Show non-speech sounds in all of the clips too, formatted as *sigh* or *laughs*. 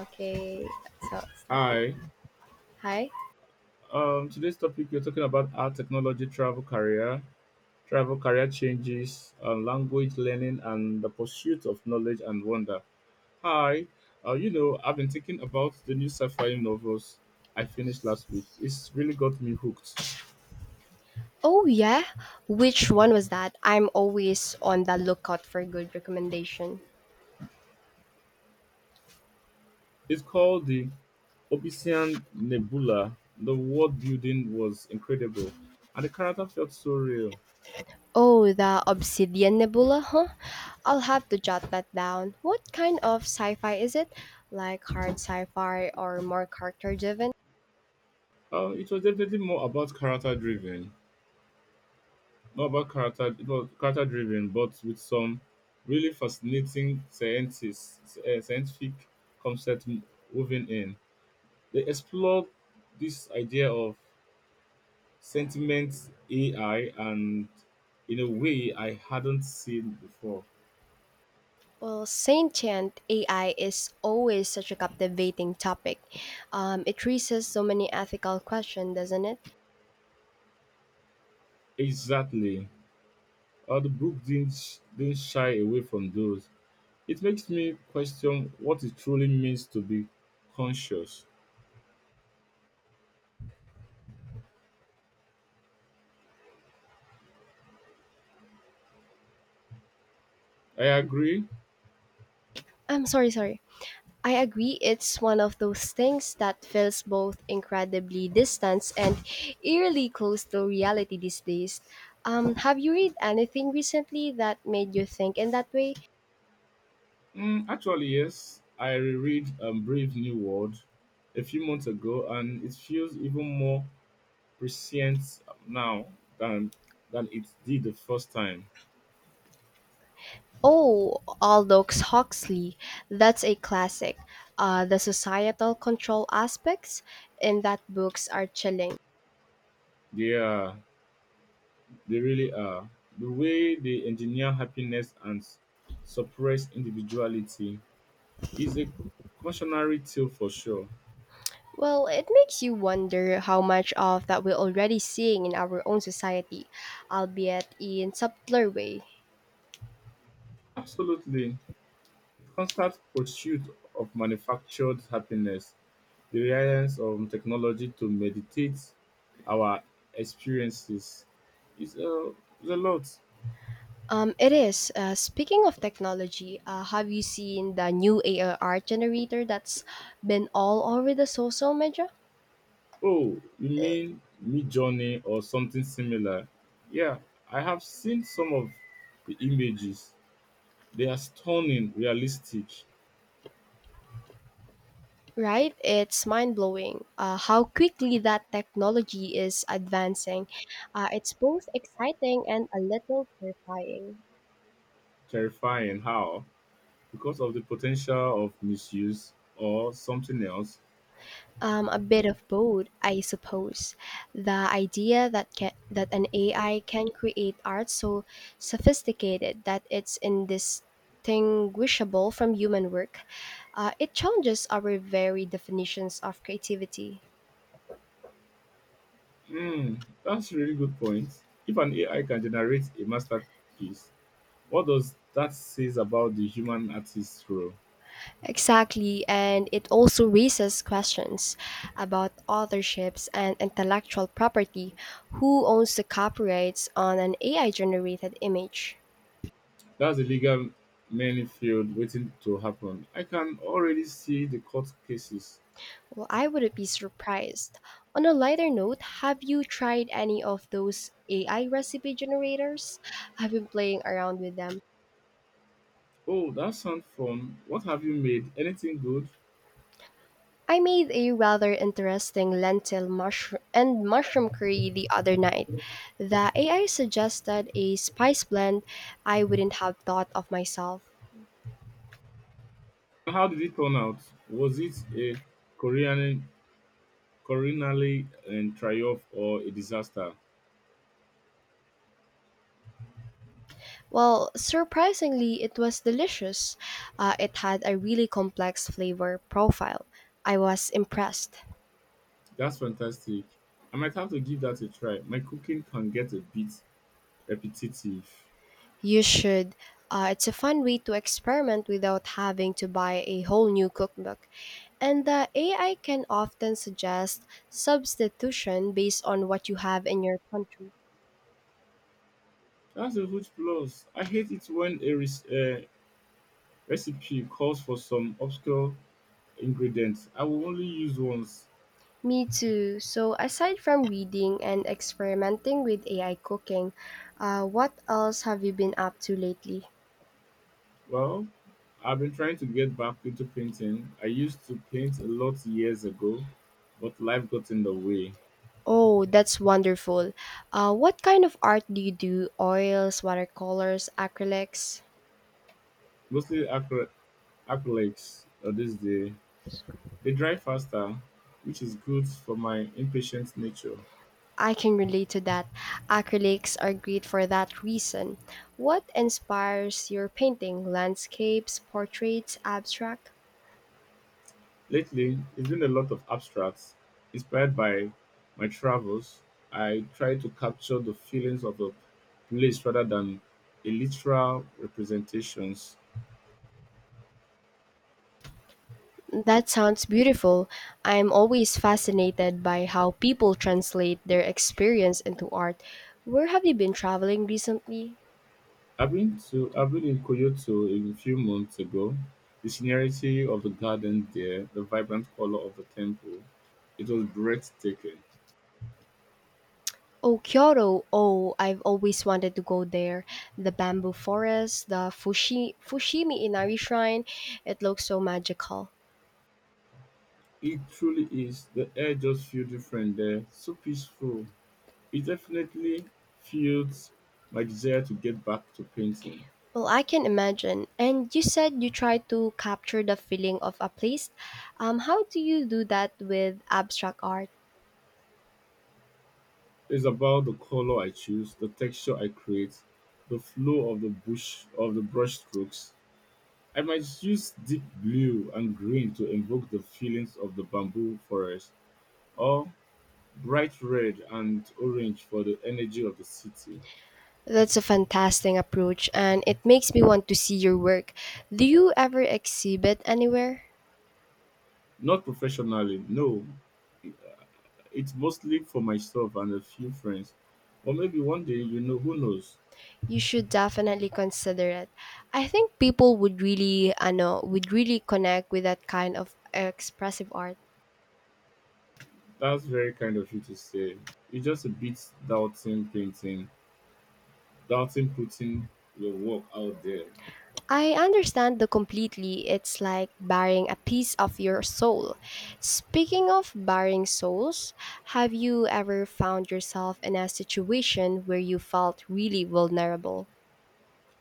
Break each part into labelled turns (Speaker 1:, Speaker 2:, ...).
Speaker 1: Okay, so I'll start.
Speaker 2: Hi.
Speaker 1: Hi.
Speaker 2: Today's topic, we're talking about our technology travel career changes, language learning, and the pursuit of knowledge and wonder. Hi. I've been thinking about the new sci-fi novels I finished last week. It's really got me hooked.
Speaker 1: Oh yeah, which one was that? I'm always on the lookout for good recommendation.
Speaker 2: It's called the Obsidian Nebula. The world building was incredible, and the character felt so real.
Speaker 1: Oh, the Obsidian Nebula, huh? I'll have to jot that down. What kind of sci-fi is it? Like hard sci-fi or more character-driven?
Speaker 2: It was definitely more about character driven. Not about character Character driven, but with some really fascinating scientists scientific concept woven in. They explore this idea of sentiment AI and in a way I hadn't seen before.
Speaker 1: Well, sentient AI is always such a captivating topic. It raises so many ethical questions, doesn't it?
Speaker 2: Exactly. The book didn't, didn't shy away from those. It makes me question what it truly means to be conscious. I agree.
Speaker 1: I'm sorry. I agree, it's one of those things that feels both incredibly distant and eerily close to reality these days. Have you read anything recently that made you think in that way?
Speaker 2: Mm, actually, yes. I reread Brave New World a few months ago, and it feels even more prescient now than than it did the first time.
Speaker 1: Oh, Aldous Huxley. That's a classic. The societal control aspects in that books are chilling.
Speaker 2: They are, they really are. The way they engineer happiness and suppress individuality is a cautionary tale for sure.
Speaker 1: Well, it makes you wonder how much of that we're already seeing in our own society, albeit in subtler ways.
Speaker 2: Absolutely, the constant pursuit of manufactured happiness, the reliance on technology to meditate our experiences is a, is a lot.
Speaker 1: It is. Speaking of technology, have you seen the new AI art generator that's been all over the social media?
Speaker 2: Oh, you mean Mid Journey or something similar? Yeah, I have seen some of the images. They are stunning, realistic,
Speaker 1: Right? It's mind blowing how quickly that technology is advancing. It's both exciting and a little terrifying.
Speaker 2: terrifying. How? Because of the potential of misuse or something else.
Speaker 1: A bit of both, I suppose. The idea that an AI can create art so sophisticated that it's indistinguishable from human work, it challenges our very definitions of creativity.
Speaker 2: Hmm, that's a really good point. If an AI can generate a masterpiece, what does that says about the human artist role?
Speaker 1: Exactly, and it also raises questions about authorships and intellectual property. Who owns the copyrights on an AI generated image?
Speaker 2: That's a legal many field waiting to happen. I can already see the court cases.
Speaker 1: Well, I wouldn't be surprised. On a lighter note, have you tried any of those AI recipe generators? I've been playing around with them.
Speaker 2: Oh, that sounds fun. What have you made? Anything good?
Speaker 1: I made a rather interesting lentil mushroom and mushroom curry the other night. The AI suggested a spice blend I wouldn't have thought of myself.
Speaker 2: How did it turn out? Was it a Korean coronally and triumph or a disaster?
Speaker 1: Well, surprisingly, it was delicious. It had a really complex flavor profile. I was impressed.
Speaker 2: That's fantastic. I might have to give that a try. My cooking can get a bit repetitive.
Speaker 1: You should. It's a fun way to experiment without having to buy a whole new cookbook. And the AI can often suggest substitution based on what you have in your country.
Speaker 2: That's a huge plus. I hate it when recipe calls for some obscure ingredients I will only use once.
Speaker 1: Me too. So, aside from reading and experimenting with AI cooking, what else have you been up to lately?
Speaker 2: Well, I've been trying to get back into painting. I used to paint a lot years ago, but life got in the way.
Speaker 1: Oh, that's wonderful. What kind of art do you do? Oils, watercolors, acrylics?
Speaker 2: Mostly acrylics these days. They dry faster, which is good for my impatient nature.
Speaker 1: I can relate to that. Acrylics are great for that reason. What inspires your painting? Landscapes, portraits, abstract?
Speaker 2: Lately, it's been a lot of abstracts. Inspired by my travels, I try to capture the feelings of a place rather than a literal representations.
Speaker 1: That sounds beautiful. I'm always fascinated by how people translate their experience into art. Where have you been traveling recently?
Speaker 2: I've been in Kyoto a few months ago. The scenery of the garden there, the vibrant color of the temple, it was breathtaking.
Speaker 1: Oh, Kyoto. Oh, I've always wanted to go there. The bamboo forest, the Fushimi Inari shrine. It looks so magical.
Speaker 2: It truly is. The air just feels different there, so peaceful. It definitely fuels my desire to get back to painting.
Speaker 1: Well, I can imagine. And you said you try to capture the feeling of a place. How do you do that with abstract art?
Speaker 2: It's about the color I choose, the texture I create, the flow of the bush of the brush strokes. I might use deep blue and green to evoke the feelings of the bamboo forest, or bright red and orange for the energy of the city.
Speaker 1: That's a fantastic approach, and it makes me want to see your work. Do you ever exhibit anywhere?
Speaker 2: Not professionally, no. It's mostly for myself and a few friends. Or maybe one day, you know, who knows?
Speaker 1: You should definitely consider it. I think people would really, I know, would really connect with that kind of expressive art.
Speaker 2: That's very kind of you to say. It's just a bit doubting painting doubting putting your work out there.
Speaker 1: I understand the completely. It's like burying a piece of your soul. Speaking of burying souls, have you ever found yourself in a situation where you felt really vulnerable?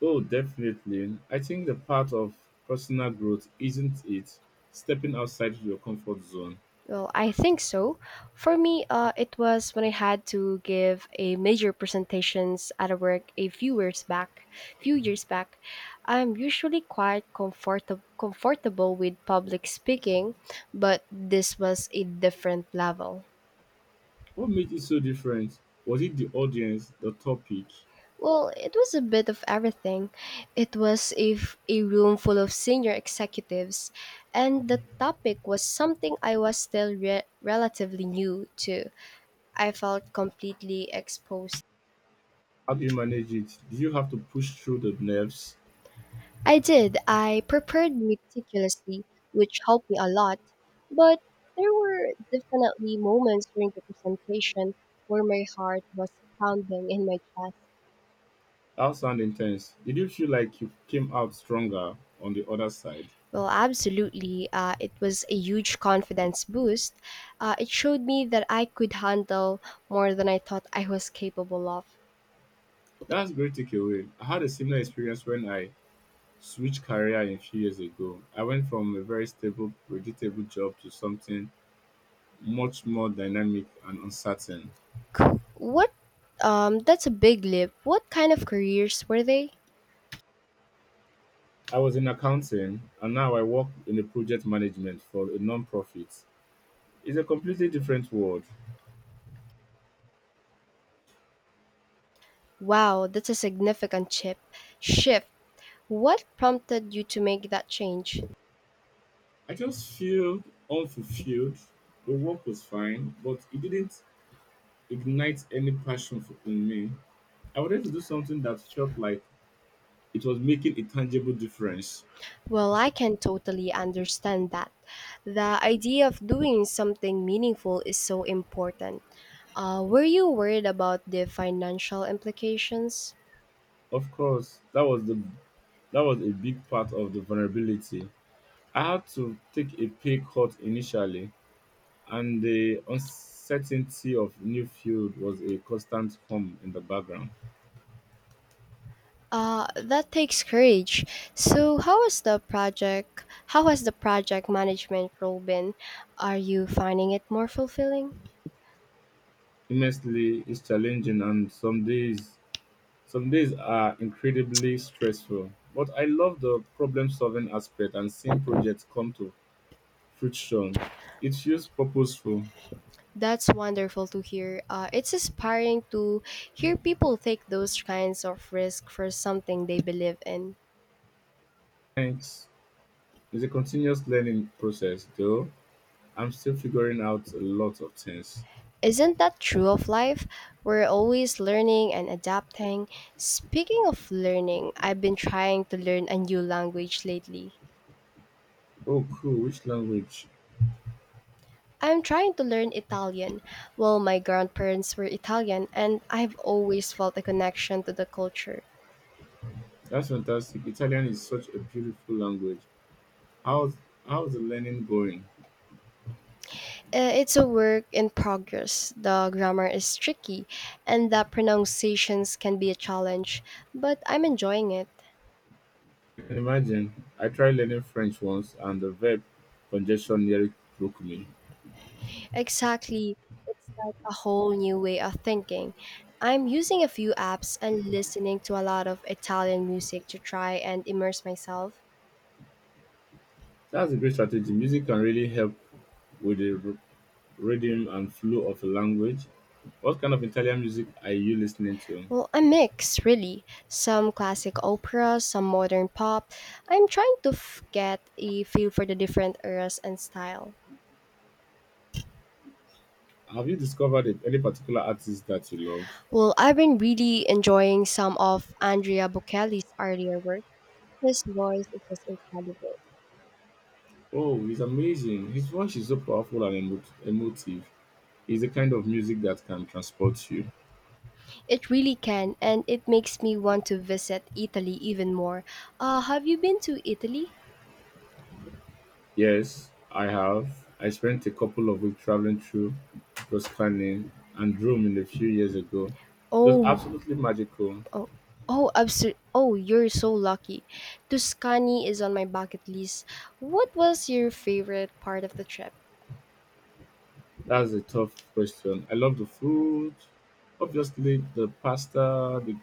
Speaker 2: Oh, definitely. I think the part of personal growth, isn't it, stepping outside your comfort zone.
Speaker 1: Well, I think so. For me, it was when I had to give a major presentations at a work a few years back. Few years back, I'm usually quite comfortable with public speaking, but this was a different level.
Speaker 2: What made it so different? Was it the audience, the topic?
Speaker 1: Well, it was a bit of everything. It was a room full of senior executives, and the topic was something I was still relatively new to. I felt completely exposed.
Speaker 2: How do you manage it? Did you have to push through the nerves?
Speaker 1: I did. I prepared meticulously, which helped me a lot, but there were definitely moments during the presentation where my heart was pounding in my chest.
Speaker 2: That sound intense. Did you feel like you came out stronger on the other side?
Speaker 1: Well, absolutely. It was a huge confidence boost. It showed me that I could handle more than I thought I was capable of.
Speaker 2: That's great takeaway. I had a similar experience when I switched career a few years ago. I went from a very stable, predictable job to something much more dynamic and uncertain.
Speaker 1: C- What? That's a big leap. What kind of careers were they?
Speaker 2: I was in accounting, and now I work in the project management for a non-profit. It's a completely different world.
Speaker 1: Wow, that's a significant chip shift. What prompted you to make that change?
Speaker 2: I just feel unfulfilled. The work was fine, but it didn't ignite any passion for, in me. I wanted to do something that felt like it was making a tangible difference.
Speaker 1: Well, I can totally understand that. The idea of doing something meaningful is so important. Were you worried about the financial implications?
Speaker 2: Of course, that was a big part of the vulnerability. I had to take a pay cut initially, and the uncertainty of new field was a constant hum in the background.
Speaker 1: That takes courage. So, how has the project? How has the project management role been? Are you finding it more fulfilling?
Speaker 2: Immensely is challenging, and some days are incredibly stressful. But I love the problem solving aspect and seeing projects come to fruition. It feels purposeful.
Speaker 1: That's wonderful to hear. It's inspiring to hear people take those kinds of risk for something they believe in.
Speaker 2: Thanks. It's a continuous learning process though. I'm still figuring out a lot of things.
Speaker 1: Isn't that true of life? We're always learning and adapting. Speaking of learning, I've been trying to learn a new language lately.
Speaker 2: Oh cool, which language?
Speaker 1: I'm trying to learn Italian. Well, my grandparents were Italian, and I've always felt a connection to the culture.
Speaker 2: That's fantastic. Italian is such a beautiful language. How's How's the learning going?
Speaker 1: It's a work in progress. The grammar is tricky, and the pronunciations can be a challenge, but I'm enjoying it.
Speaker 2: You can imagine. I tried learning French once, and the verb congestion nearly broke me.
Speaker 1: Exactly. It's like a whole new way of thinking. I'm using a few apps and listening to a lot of Italian music to try and immerse myself.
Speaker 2: That's a great strategy. Music can really help with the rhythm and flow of a language. What kind of Italian music are you listening to?
Speaker 1: Well, a mix, really. Some classic opera, some modern pop. I'm trying to get a feel for the different eras and style.
Speaker 2: Have you discovered any particular artist that you love?
Speaker 1: Well, I've been really enjoying some of Andrea Bocelli's earlier work. His voice is just incredible.
Speaker 2: Oh, he's amazing. His voice is so powerful and emotive. It's the kind of music that can transport you.
Speaker 1: It really can, and it makes me want to visit Italy even more. Have you been to Italy?
Speaker 2: Yes, I have. I spent a couple of weeks traveling through Tuscany and Rome in a few years ago. It was
Speaker 1: Oh,
Speaker 2: absolutely magical.
Speaker 1: Oh, oh, you're so lucky. Tuscany is on my bucket list. What was your favorite part of the trip?
Speaker 2: That's a tough question. I love the food, obviously the pasta, the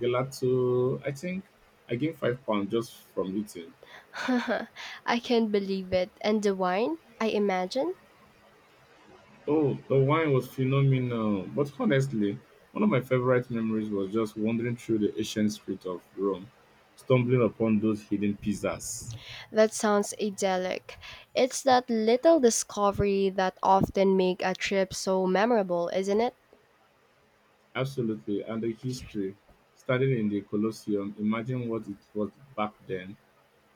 Speaker 2: gelato. I think I gained five pounds just from eating.
Speaker 1: *laughs* I can't believe it. And the wine? I imagine?
Speaker 2: Oh, the wine was phenomenal. But honestly, one of my favorite memories was just wandering through the ancient street of Rome, stumbling upon those hidden pizzas.
Speaker 1: That sounds idyllic. It's that little discovery that often make a trip so memorable, isn't it?
Speaker 2: Absolutely. And the history, standing in the Colosseum, imagine what it was back then.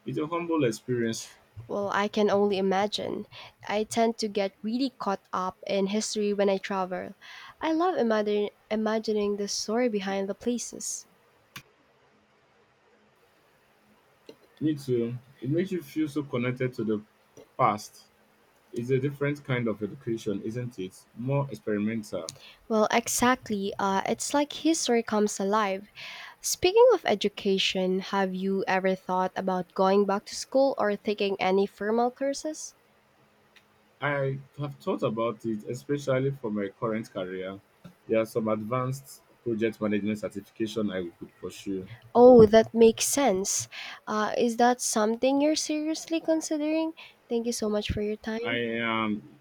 Speaker 2: It's a humble experience.
Speaker 1: Well, I can only imagine. I tend to get really caught up in history when I travel. I love imagining the story behind the places.
Speaker 2: Me too. It makes you feel so connected to the past. It's a different kind of education, isn't it? More experimental.
Speaker 1: Well, exactly. It's like history comes alive. Speaking of education, have you ever thought about going back to school or taking any formal courses?
Speaker 2: I have thought about it, especially for my current career. There are some advanced project management certification I could pursue.
Speaker 1: Oh, that makes sense. Is that something you're seriously considering? Thank you so much for your
Speaker 2: I
Speaker 1: time.
Speaker 2: am,